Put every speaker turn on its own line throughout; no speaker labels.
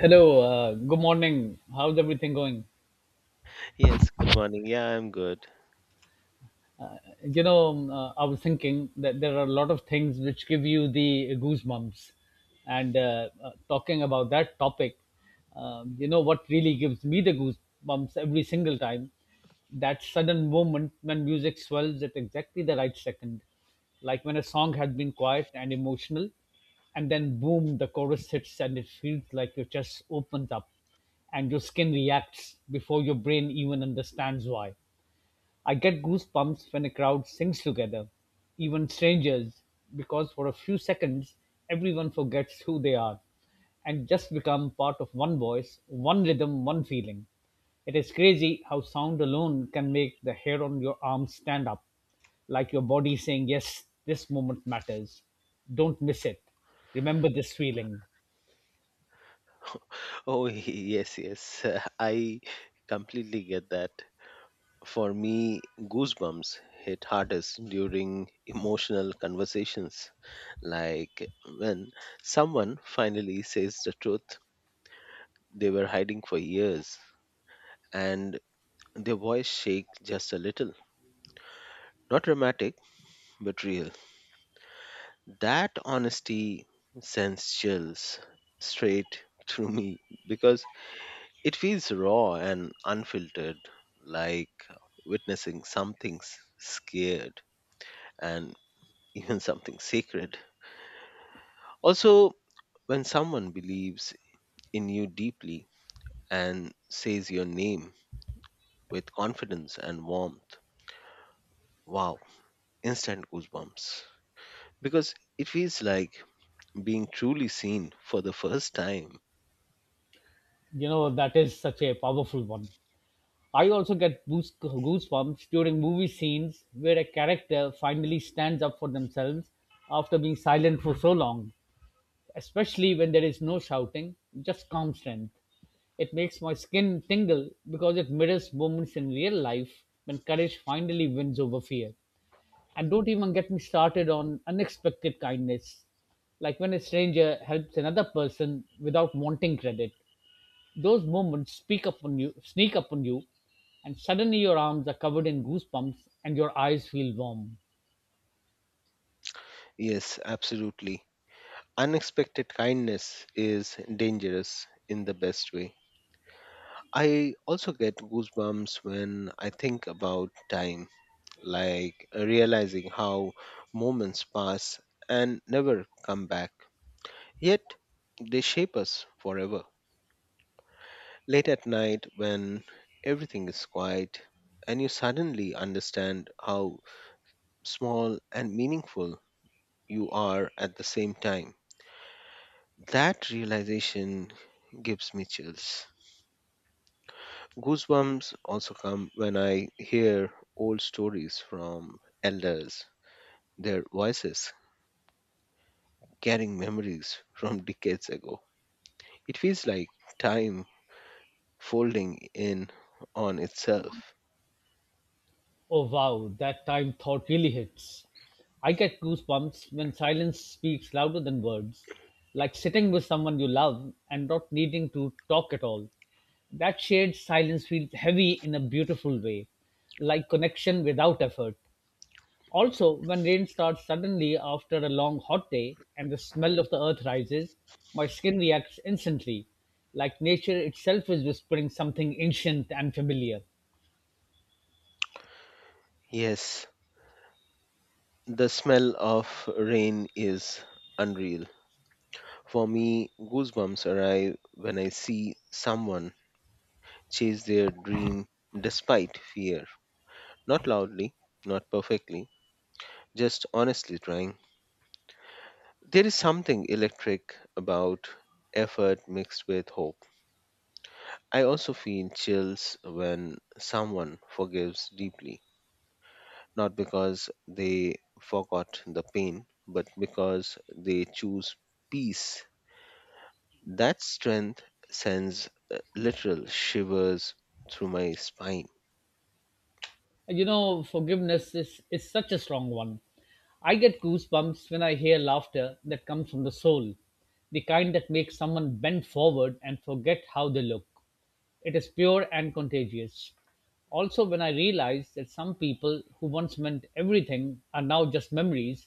Hello, good morning. How's everything going?
Yes, good morning. Yeah, I'm good.
I was thinking that there are a lot of things which give you the goosebumps. And talking about that topic, what really gives me the goosebumps every single time? That sudden moment when music swells at exactly the right second. Like when a song has been quiet and emotional, and then boom, the chorus hits, and it feels like your chest opens up and your skin reacts before your brain even understands why. I get goosebumps when a crowd sings together, even strangers, because for a few seconds everyone forgets who they are and just become part of one voice, one rhythm, one feeling. It is crazy how sound alone can make the hair on your arm stand up, like your body saying, "Yes, this moment matters. Don't miss it. Remember this feeling."
Oh, yes, yes. I completely get that. For me, goosebumps hit hardest during emotional conversations, like when someone finally says the truth they were hiding for years, and their voice shakes just a little. Not dramatic, but real. That honesty sends chills straight through me, because it feels raw and unfiltered, like witnessing something scared and even something sacred. Also, when someone believes in you deeply and says your name with confidence and warmth, wow, instant goosebumps. Because it feels like being truly seen for the first time.
You know, that is such a powerful one. I also get goosebumps during movie scenes where a character finally stands up for themselves after being silent for so long, especially when there is no shouting, just calm strength. It makes my skin tingle because it mirrors moments in real life when courage finally wins over fear. And don't even get me started on unexpected kindness, like when a stranger helps another person without wanting credit. Those moments speak upon you, sneak upon you, and suddenly your arms are covered in goosebumps and your eyes feel warm.
Yes, absolutely. Unexpected kindness is dangerous in the best way. I also get goosebumps when I think about time, like realizing how moments pass and never come back. Yet they shape us forever. Late at night, when everything is quiet, and you suddenly understand how small and meaningful you are at the same time, that realization gives me chills. Goosebumps also come when I hear old stories from elders, their voices carrying memories from decades ago. It feels like time folding in on itself.
Oh wow, that time thought really hits. I get goosebumps when silence speaks louder than words, like sitting with someone you love and not needing to talk at all. That shared silence feels heavy in a beautiful way, like connection without effort. Also, when rain starts suddenly after a long hot day and the smell of the earth rises, my skin reacts instantly, like nature itself is whispering something ancient and familiar.
Yes, the smell of rain is unreal. For me, goosebumps arrive when I see someone chase their dream despite fear. Not loudly, not perfectly, just honestly trying. There is something electric about effort mixed with hope. I also feel chills when someone forgives deeply, not because they forgot the pain, but because they choose peace. That strength sends literal shivers through my spine.
You know, forgiveness is such a strong one. I get goosebumps when I hear laughter that comes from the soul, the kind that makes someone bend forward and forget how they look. It is pure and contagious. Also, when I realize that some people who once meant everything are now just memories,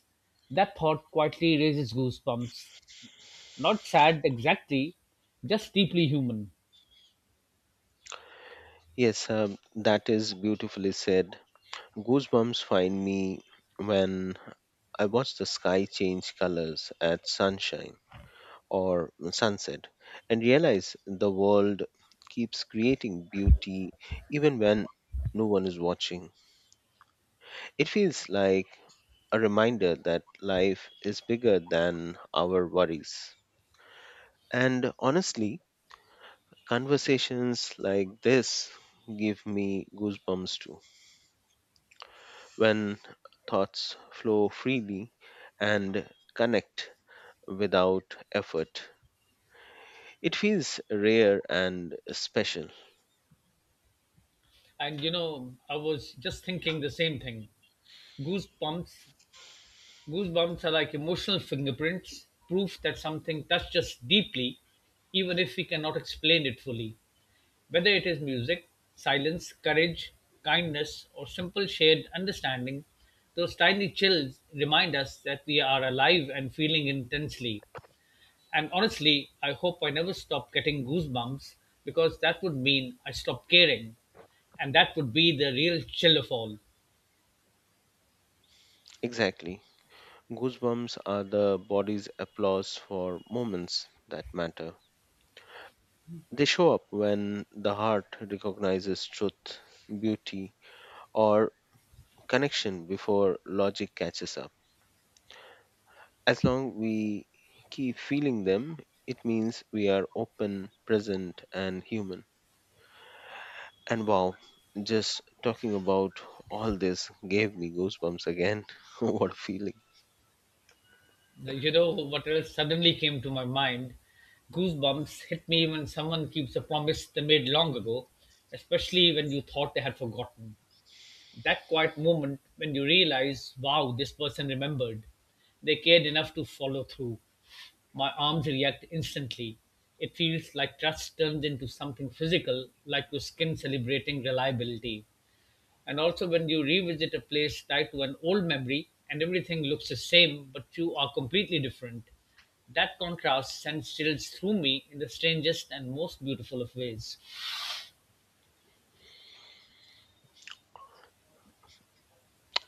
that thought quietly raises goosebumps. Not sad exactly, just deeply human.
Yes, that is beautifully said. Goosebumps find me when I watch the sky change colors at sunshine or sunset and realize the world keeps creating beauty even when no one is watching. It feels like a reminder that life is bigger than our worries. And honestly, conversations like this give me goosebumps too. When thoughts flow freely and connect without effort, it feels rare and special.
And you know, I was just thinking the same thing. Goosebumps Goosebumps are like emotional fingerprints, proof that something touched us deeply, even if we cannot explain it fully. Whether it is music, silence, courage, kindness, or simple shared understanding, those tiny chills remind us that we are alive and feeling intensely. And honestly, I hope I never stop getting goosebumps because that would mean I stop caring. And that would be the real chill of all.
Exactly. Goosebumps are the body's applause for moments that matter. They show up when the heart recognizes truth, beauty, or connection before logic catches up. As long we keep feeling them, it means we are open, present, and human. And wow, just talking about all this gave me goosebumps again. What a feeling.
Like, you know what else suddenly came to my mind? Goosebumps hit me when someone keeps a promise they made long ago, especially when you thought they had forgotten. That quiet moment when you realize, wow, this person remembered. They cared enough to follow through. My arms react instantly. It feels like trust turns into something physical, like your skin celebrating reliability. And also, when you revisit a place tied to an old memory and everything looks the same, but you are completely different, that contrast sends chills through me in the strangest and most beautiful of ways.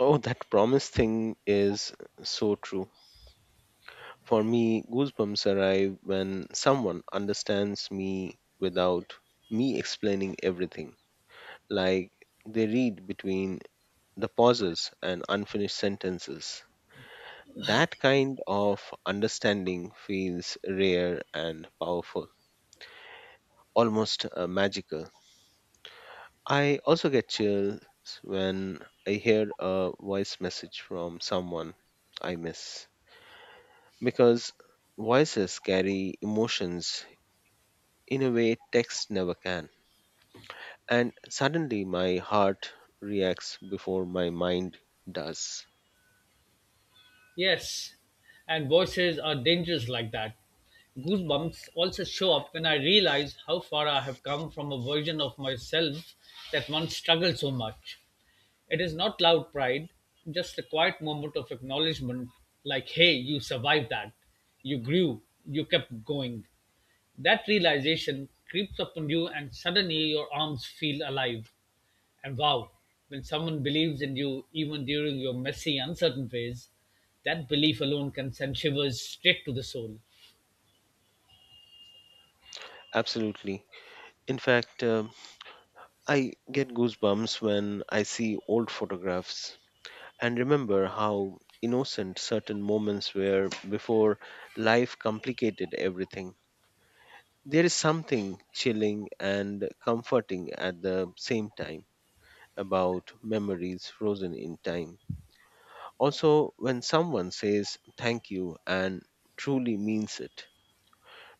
Oh, that promise thing is so true. For me, goosebumps arrive when someone understands me without me explaining everything, like they read between the pauses and unfinished sentences. That kind of understanding feels rare and powerful, almost magical. I also get chills when I hear a voice message from someone I miss, because voices carry emotions in a way text never can. And suddenly my heart reacts before my mind does.
Yes, and voices are dangerous like that. Goosebumps also show up when I realize how far I have come from a version of myself that once struggled so much. It is not loud pride, just a quiet moment of acknowledgement like, hey, you survived that. You grew. You kept going. That realization creeps upon you, and suddenly your arms feel alive. And wow, when someone believes in you, even during your messy, uncertain phase, that belief alone can send shivers straight to the soul.
Absolutely. In fact, I get goosebumps when I see old photographs and remember how innocent certain moments were before life complicated everything. There is something chilling and comforting at the same time about memories frozen in time. Also, when someone says thank you and truly means it,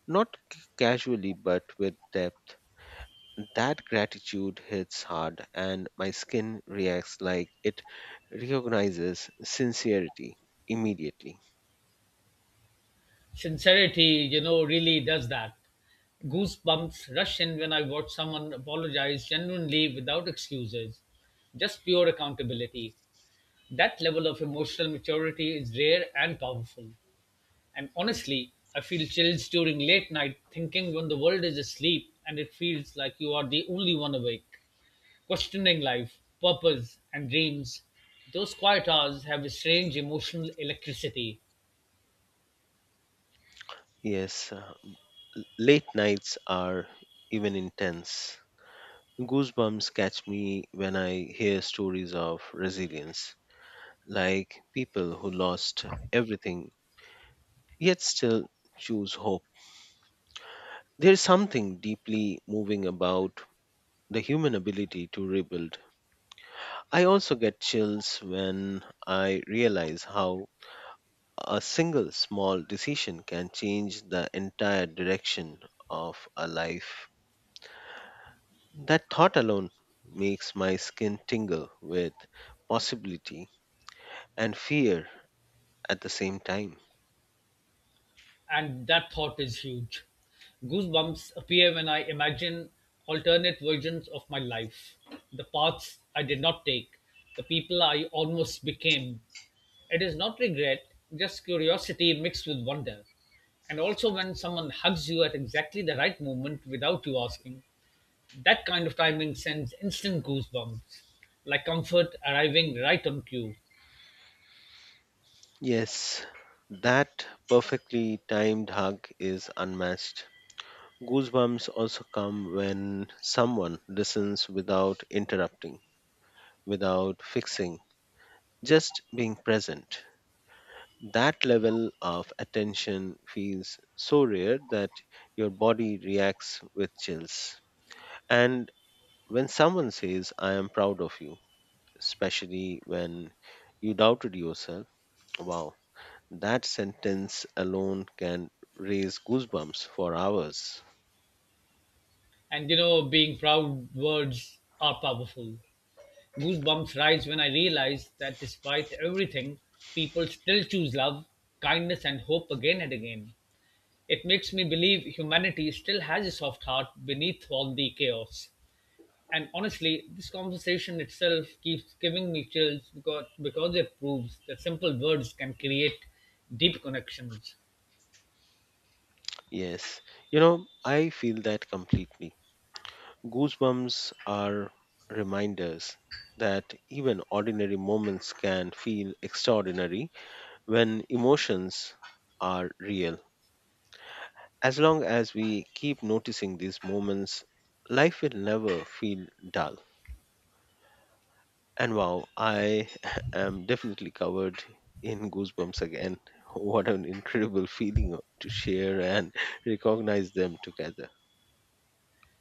not casually but with depth, that gratitude hits hard and my skin reacts like it recognizes sincerity immediately.
Sincerity, you know, really does that. Goosebumps rush in when I watch someone apologize genuinely without excuses. Just pure accountability. That level of emotional maturity is rare and powerful. And honestly, I feel chills during late night thinking when the world is asleep and it feels like you are the only one awake. Questioning life, purpose, and dreams. Those quiet hours have a strange emotional electricity.
Yes, late nights are even intense. Goosebumps catch me when I hear stories of resilience, like people who lost everything yet still choose hope. There's something deeply moving about the human ability to rebuild. I also get chills when I realize how a single small decision can change the entire direction of a life. That thought alone makes my skin tingle with possibility and fear at the same time.
And that thought is huge. Goosebumps appear when I imagine alternate versions of my life, the paths I did not take, the people I almost became. It is not regret, just curiosity mixed with wonder. And also when someone hugs you at exactly the right moment without you asking, that kind of timing sends instant goosebumps, like comfort arriving right on cue.
Yes, that perfectly timed hug is unmatched. Goosebumps also come when someone listens without interrupting, without fixing, just being present. That level of attention feels so rare that your body reacts with chills. And when someone says, "I am proud of you," especially when you doubted yourself, wow, that sentence alone can raise goosebumps for hours.
And you know, being proud, words are powerful. Goosebumps rise when I realize that despite everything, people still choose love, kindness, and hope again and again. It makes me believe humanity still has a soft heart beneath all the chaos. And honestly, this conversation itself keeps giving me chills because it proves that simple words can create deep connections.
Yes, you know, I feel that completely. Goosebumps are reminders that even ordinary moments can feel extraordinary when emotions are real. As long as we keep noticing these moments, life will never feel dull. And wow, I am definitely covered in goosebumps again. What an incredible feeling to share and recognize them together.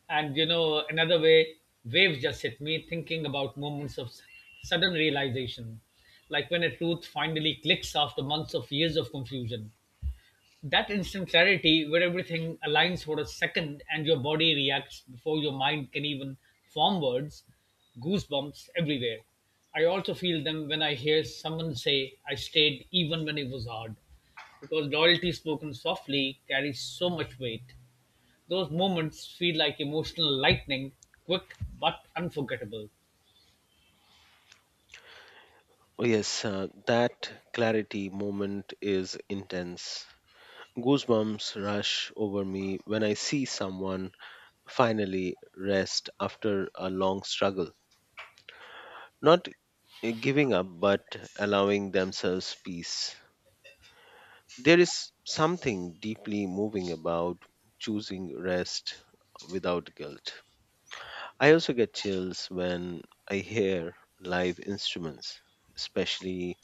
And you know, another way, waves just hit me thinking about moments of sudden realization, like when a truth finally clicks after months of years of confusion. That instant clarity where everything aligns for a second and your body reacts before your mind can even form words, goosebumps everywhere. I also feel them when I hear someone say, "I stayed even when it was hard," because loyalty spoken softly carries so much weight. Those moments feel like emotional lightning, quick but unforgettable.
Oh, yes, that clarity moment is intense. Goosebumps rush over me when I see someone finally rest after a long struggle. Not giving up, but allowing themselves peace. There is something deeply moving about choosing rest without guilt. I also get chills when I hear live instruments, especially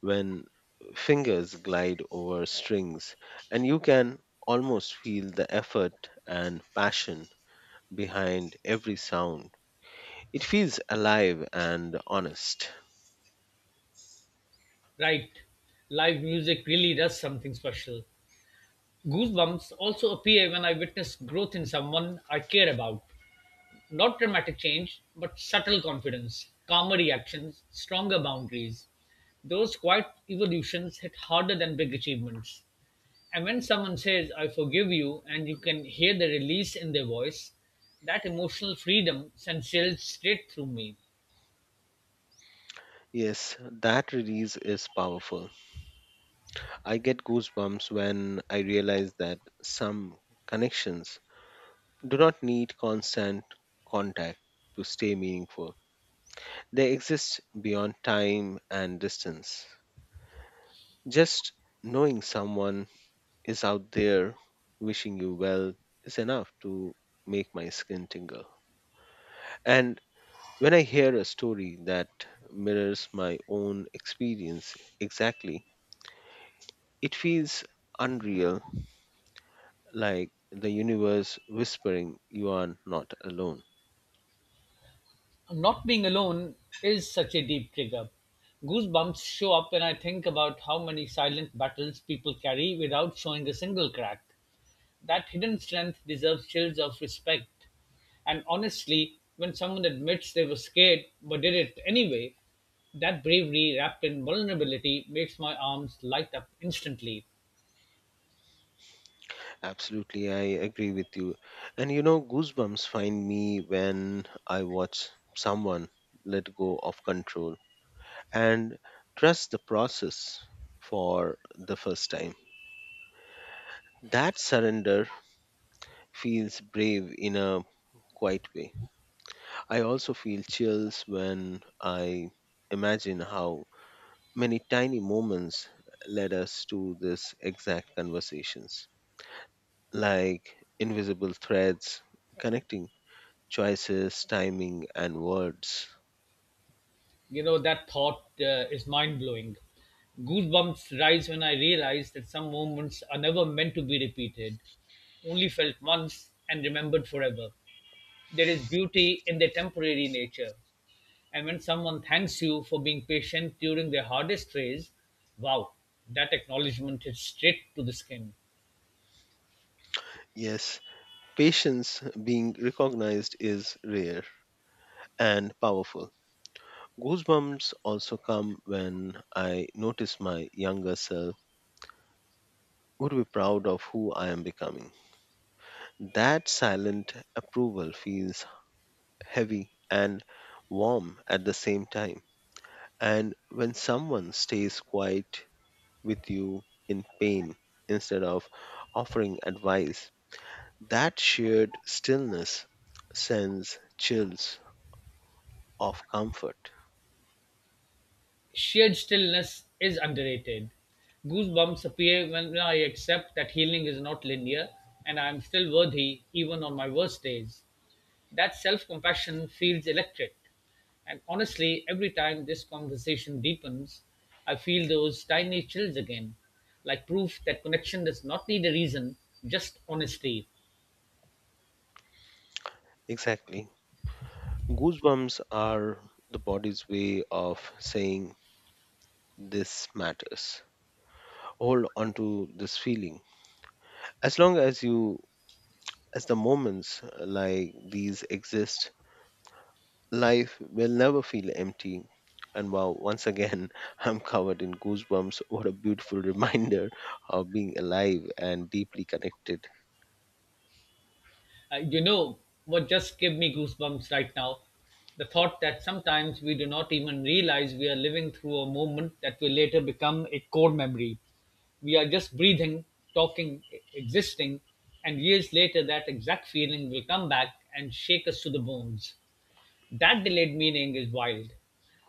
when fingers glide over strings and you can almost feel the effort and passion behind every sound. It feels alive and honest.
Right. Live music really does something special. Goosebumps also appear when I witness growth in someone I care about. Not dramatic change, but subtle confidence, calmer reactions, stronger boundaries. Those quiet evolutions hit harder than big achievements. And when someone says, "I forgive you," and you can hear the release in their voice, that emotional freedom sends chills straight through me.
Yes, that release is powerful. I get goosebumps when I realize that some connections do not need constant contact to stay meaningful. They exist beyond time and distance. Just knowing someone is out there wishing you well is enough to make my skin tingle. And when I hear a story that mirrors my own experience exactly, it feels unreal, like the universe whispering, "You are not alone."
Not being alone is such a deep trigger. Goosebumps show up when I think about how many silent battles people carry without showing a single crack. That hidden strength deserves chills of respect. And honestly, when someone admits they were scared but did it anyway, that bravery wrapped in vulnerability makes my arms light up instantly.
Absolutely, I agree with you. And you know, goosebumps find me when I watch someone let go of control and trust the process for the first time. That surrender feels brave in a quiet way. I also feel chills when I imagine how many tiny moments led us to this exact conversations, like invisible threads connecting choices, timing, and words.
You know, that thought is mind blowing. Goosebumps rise when I realize that some moments are never meant to be repeated, only felt once and remembered forever. There is beauty in their temporary nature. And when someone thanks you for being patient during their hardest phase, wow, that acknowledgement hits straight to the skin.
Yes, patience being recognized is rare and powerful. Goosebumps also come when I notice my younger self would be proud of who I am becoming. That silent approval feels heavy and warm at the same time. And when someone stays quiet with you in pain instead of offering advice, that shared stillness sends chills of comfort.
Sheer stillness is underrated. Goosebumps appear when I accept that healing is not linear and I am still worthy even on my worst days. That self compassion feels electric. And honestly, every time this conversation deepens, I feel those tiny chills again, like proof that connection does not need a reason, just honesty.
Exactly. Goosebumps are the body's way of saying this matters. Hold on to this feeling. As long as you, as the moments like these exist, life will never feel empty. And wow, once again, I'm covered in goosebumps. What a beautiful reminder of being alive and deeply connected.
You know what just gave me goosebumps right now? The thought that sometimes we do not even realize we are living through a moment that will later become a core memory. We are just breathing, talking, existing, and years later that exact feeling will come back and shake us to the bones. That delayed meaning is wild,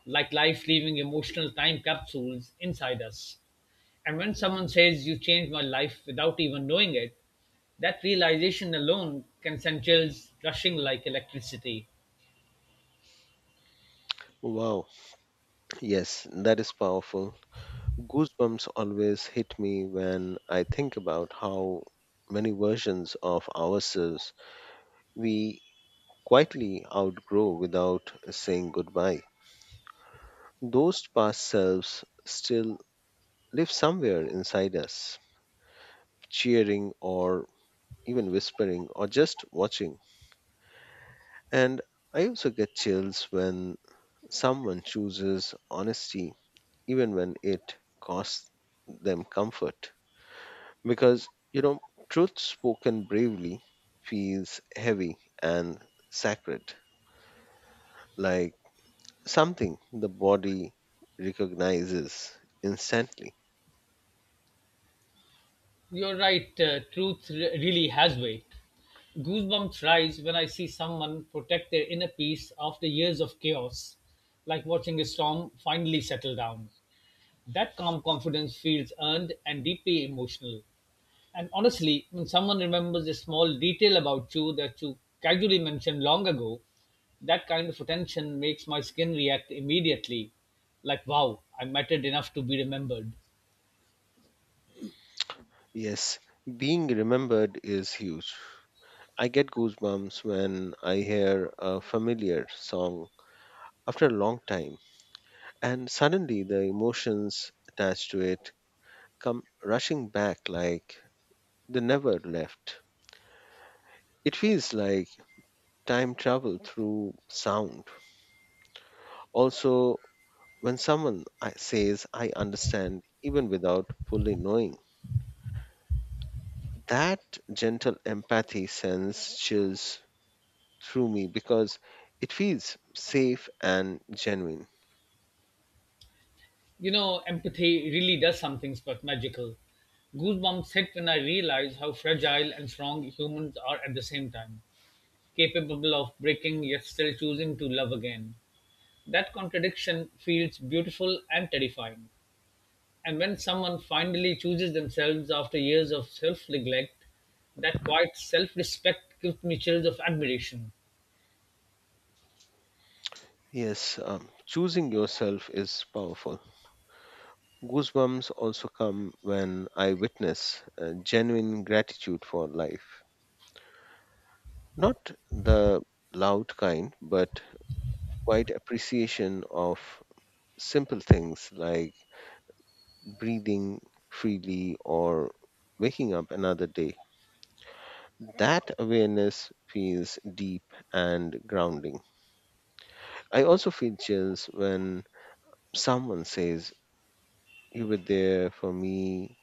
like life leaving emotional time capsules inside us. And when someone says, "You changed my life without even knowing it," that realization alone can send chills rushing like electricity.
Wow, yes, that is powerful. Goosebumps always hit me when I think about how many versions of ourselves we quietly outgrow without saying goodbye. Those past selves still live somewhere inside us, cheering or even whispering, or just watching. And I also get chills when someone chooses honesty, even when it costs them comfort. Because, you know, truth spoken bravely feels heavy and sacred, like something the body recognizes instantly.
You're right, truth really has weight. Goosebumps rise when I see someone protect their inner peace after years of chaos, like watching a storm finally settle down. That calm confidence feels earned and deeply emotional. And honestly, when someone remembers a small detail about you that you casually mentioned long ago, that kind of attention makes my skin react immediately. Like, wow, I mattered enough to be remembered.
Yes, being remembered is huge. I get goosebumps when I hear a familiar song after a long time, and suddenly the emotions attached to it come rushing back like they never left. It feels like time travel through sound. Also, when someone says, "I understand," even without fully knowing, that gentle empathy sense chills through me because it feels safe and genuine.
You know, empathy really does something magical. Goosebumps hit when I realize how fragile and strong humans are at the same time, capable of breaking yet still choosing to love again. That contradiction feels beautiful and terrifying. And when someone finally chooses themselves after years of self neglect, that quiet self respect gives me chills of admiration.
Yes, choosing yourself is powerful. Goosebumps also come when I witness genuine gratitude for life. Not the loud kind, but quite appreciation of simple things like breathing freely or waking up another day. That awareness feels deep and grounding. I also feel chills when someone says, "You were there for me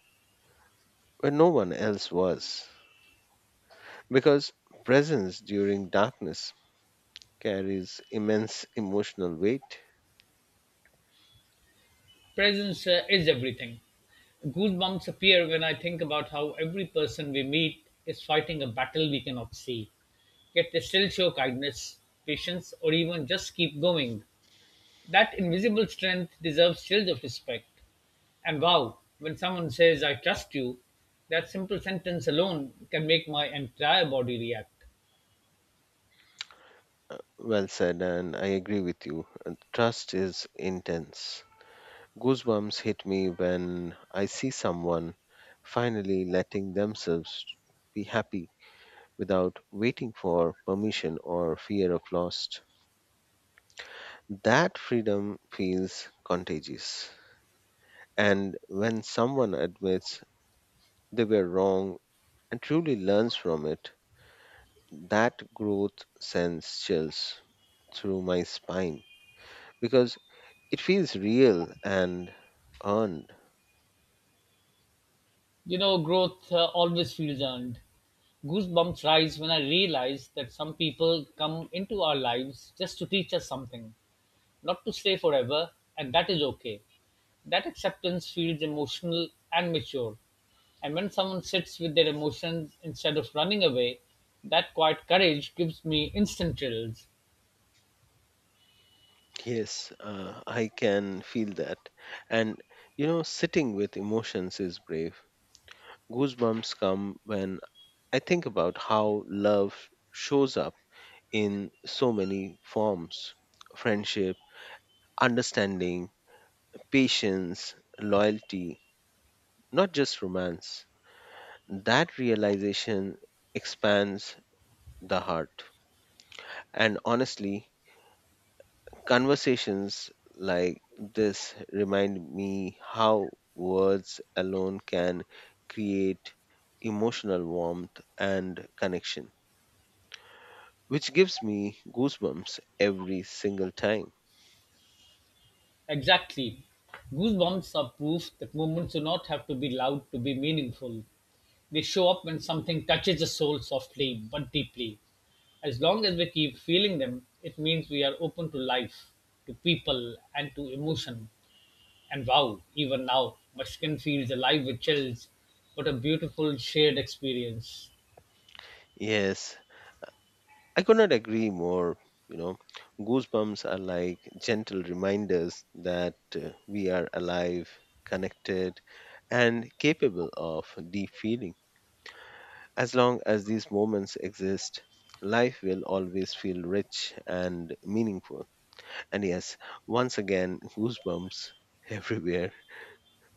when no one else was." Because presence during darkness carries immense emotional weight.
Presence is everything. Goosebumps appear when I think about how every person we meet is fighting a battle we cannot see. Yet they still show kindness, patience, or even just keep going. That invisible strength deserves shield of respect. And wow, when someone says, "I trust you," that simple sentence alone can make my entire body react.
Well said, and I agree with you. Trust is intense. Goosebumps hit me when I see someone finally letting themselves be happy without waiting for permission or fear of loss. That freedom feels contagious. And when someone admits they were wrong and truly learns from it, that growth sends chills through my spine, because it feels real and earned.
You know, growth always feels earned. Goosebumps rise when I realize that some people come into our lives just to teach us something, not to stay forever, and that is okay. That acceptance feels emotional and mature. And when someone sits with their emotions instead of running away, that quiet courage gives me instant thrills.
Yes, I can feel that. And you know, sitting with emotions is brave. Goosebumps come when I think about how love shows up in so many forms: friendship, understanding, patience, loyalty, not just romance. That realization expands the heart. And honestly, conversations like this remind me how words alone can create emotional warmth and connection, which gives me goosebumps every single time.
Exactly. Goosebumps are proof that moments do not have to be loud to be meaningful. They show up when something touches the soul softly but deeply. As long as we keep feeling them, it means we are open to life, to people, and to emotion. And wow, even now, my skin feels alive with chills. What a beautiful shared experience.
Yes, I could not agree more. You know, goosebumps are like gentle reminders that we are alive, connected, and capable of deep feeling. As long as these moments exist, life will always feel rich and meaningful. And yes, once again, goosebumps everywhere.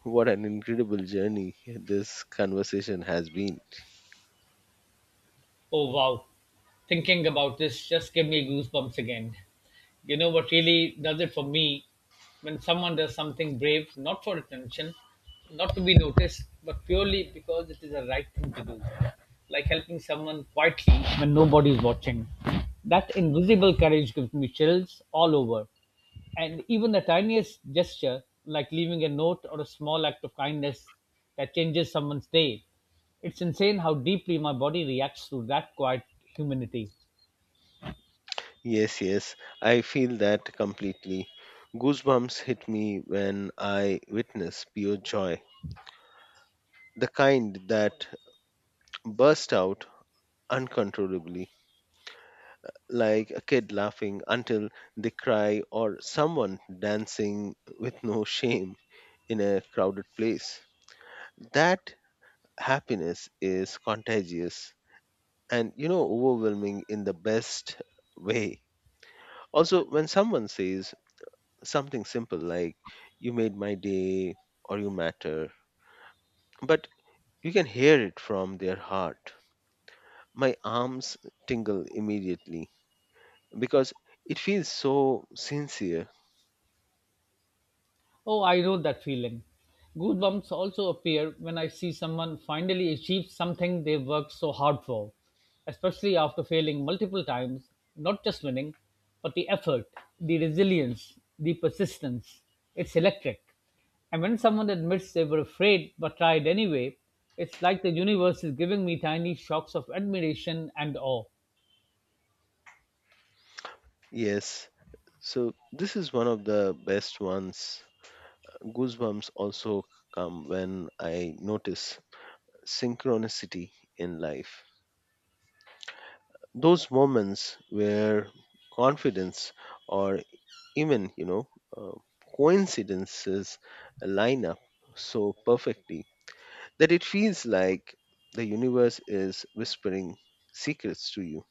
What an incredible journey this conversation has been.
Oh wow, thinking about this just give me goosebumps again. You know what really does it for me? When someone does something brave, not for attention, not to be noticed, but purely because it is the right thing to do. Like helping someone quietly when nobody is watching. That invisible courage gives me chills all over. And even the tiniest gesture, like leaving a note or a small act of kindness that changes someone's day, it's insane how deeply my body reacts to that quiet humanity.
Yes, yes, I feel that completely. Goosebumps hit me when I witness pure joy, the kind that burst out uncontrollably, like a kid laughing until they cry or someone dancing with no shame in a crowded place. That happiness is contagious and, you know, overwhelming in the best way. Also, when someone says something simple like, "You made my day" or "you matter," but you can hear it from their heart. My arms tingle immediately because it feels so sincere.
Oh, I know that feeling. Goosebumps also appear when I see someone finally achieve something they worked so hard for, especially after failing multiple times, not just winning, but the effort, the resilience, the persistence. It's electric. And when someone admits they were afraid but tried anyway, it's like the universe is giving me tiny shocks of admiration and awe.
Yes, so this is one of the best ones. Goosebumps also come when I notice synchronicity in life. Those moments where confidence or even, you know, uh, coincidences line up so perfectly that it feels like the universe is whispering secrets to you,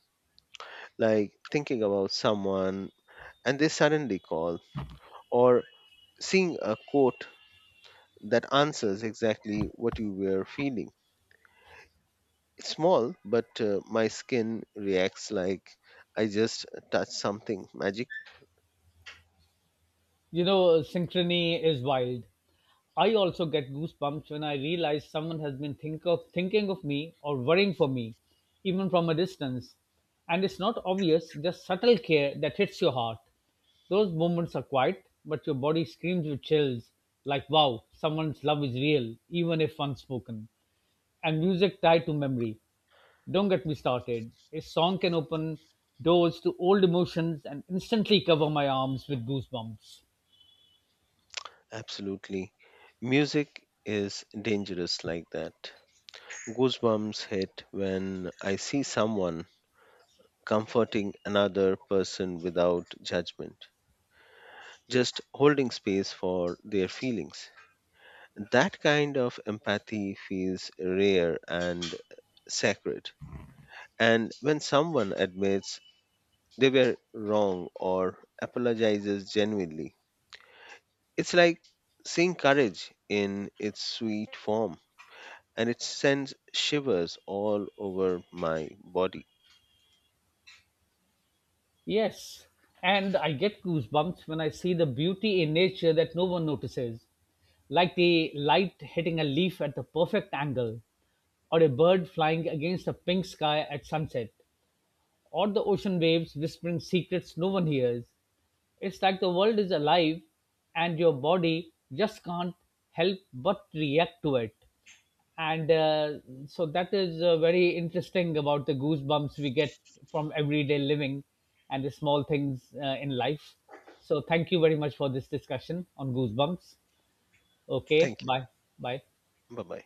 like thinking about someone and they suddenly call, or seeing a quote that answers exactly what you were feeling. It's small, but my skin reacts like I just touched something magic.
You know, synchrony is wild. I also get goosebumps when I realize someone has been thinking of me or worrying for me, even from a distance. And it's not obvious, just subtle care that hits your heart. Those moments are quiet, but your body screams with chills like, wow, someone's love is real, even if unspoken. And music tied to memory. Don't get me started. A song can open doors to old emotions and instantly cover my arms with goosebumps.
Absolutely. Music is dangerous like that. Goosebumps hit when I see someone comforting another person without judgment, just holding space for their feelings. That kind of empathy feels rare and sacred. And when someone admits they were wrong or apologizes genuinely. It's like seeing courage in its sweet form, and it sends shivers all over my body.
Yes, and I get goosebumps when I see the beauty in nature that no one notices, like the light hitting a leaf at the perfect angle, or a bird flying against a pink sky at sunset, or the ocean waves whispering secrets no one hears. It's like the world is alive and your body just can't help but react to it, and so that is very interesting about the goosebumps we get from everyday living and the small things in life. So thank you very much for this discussion on goosebumps. Okay,
Thank you.
bye bye.
Bye bye.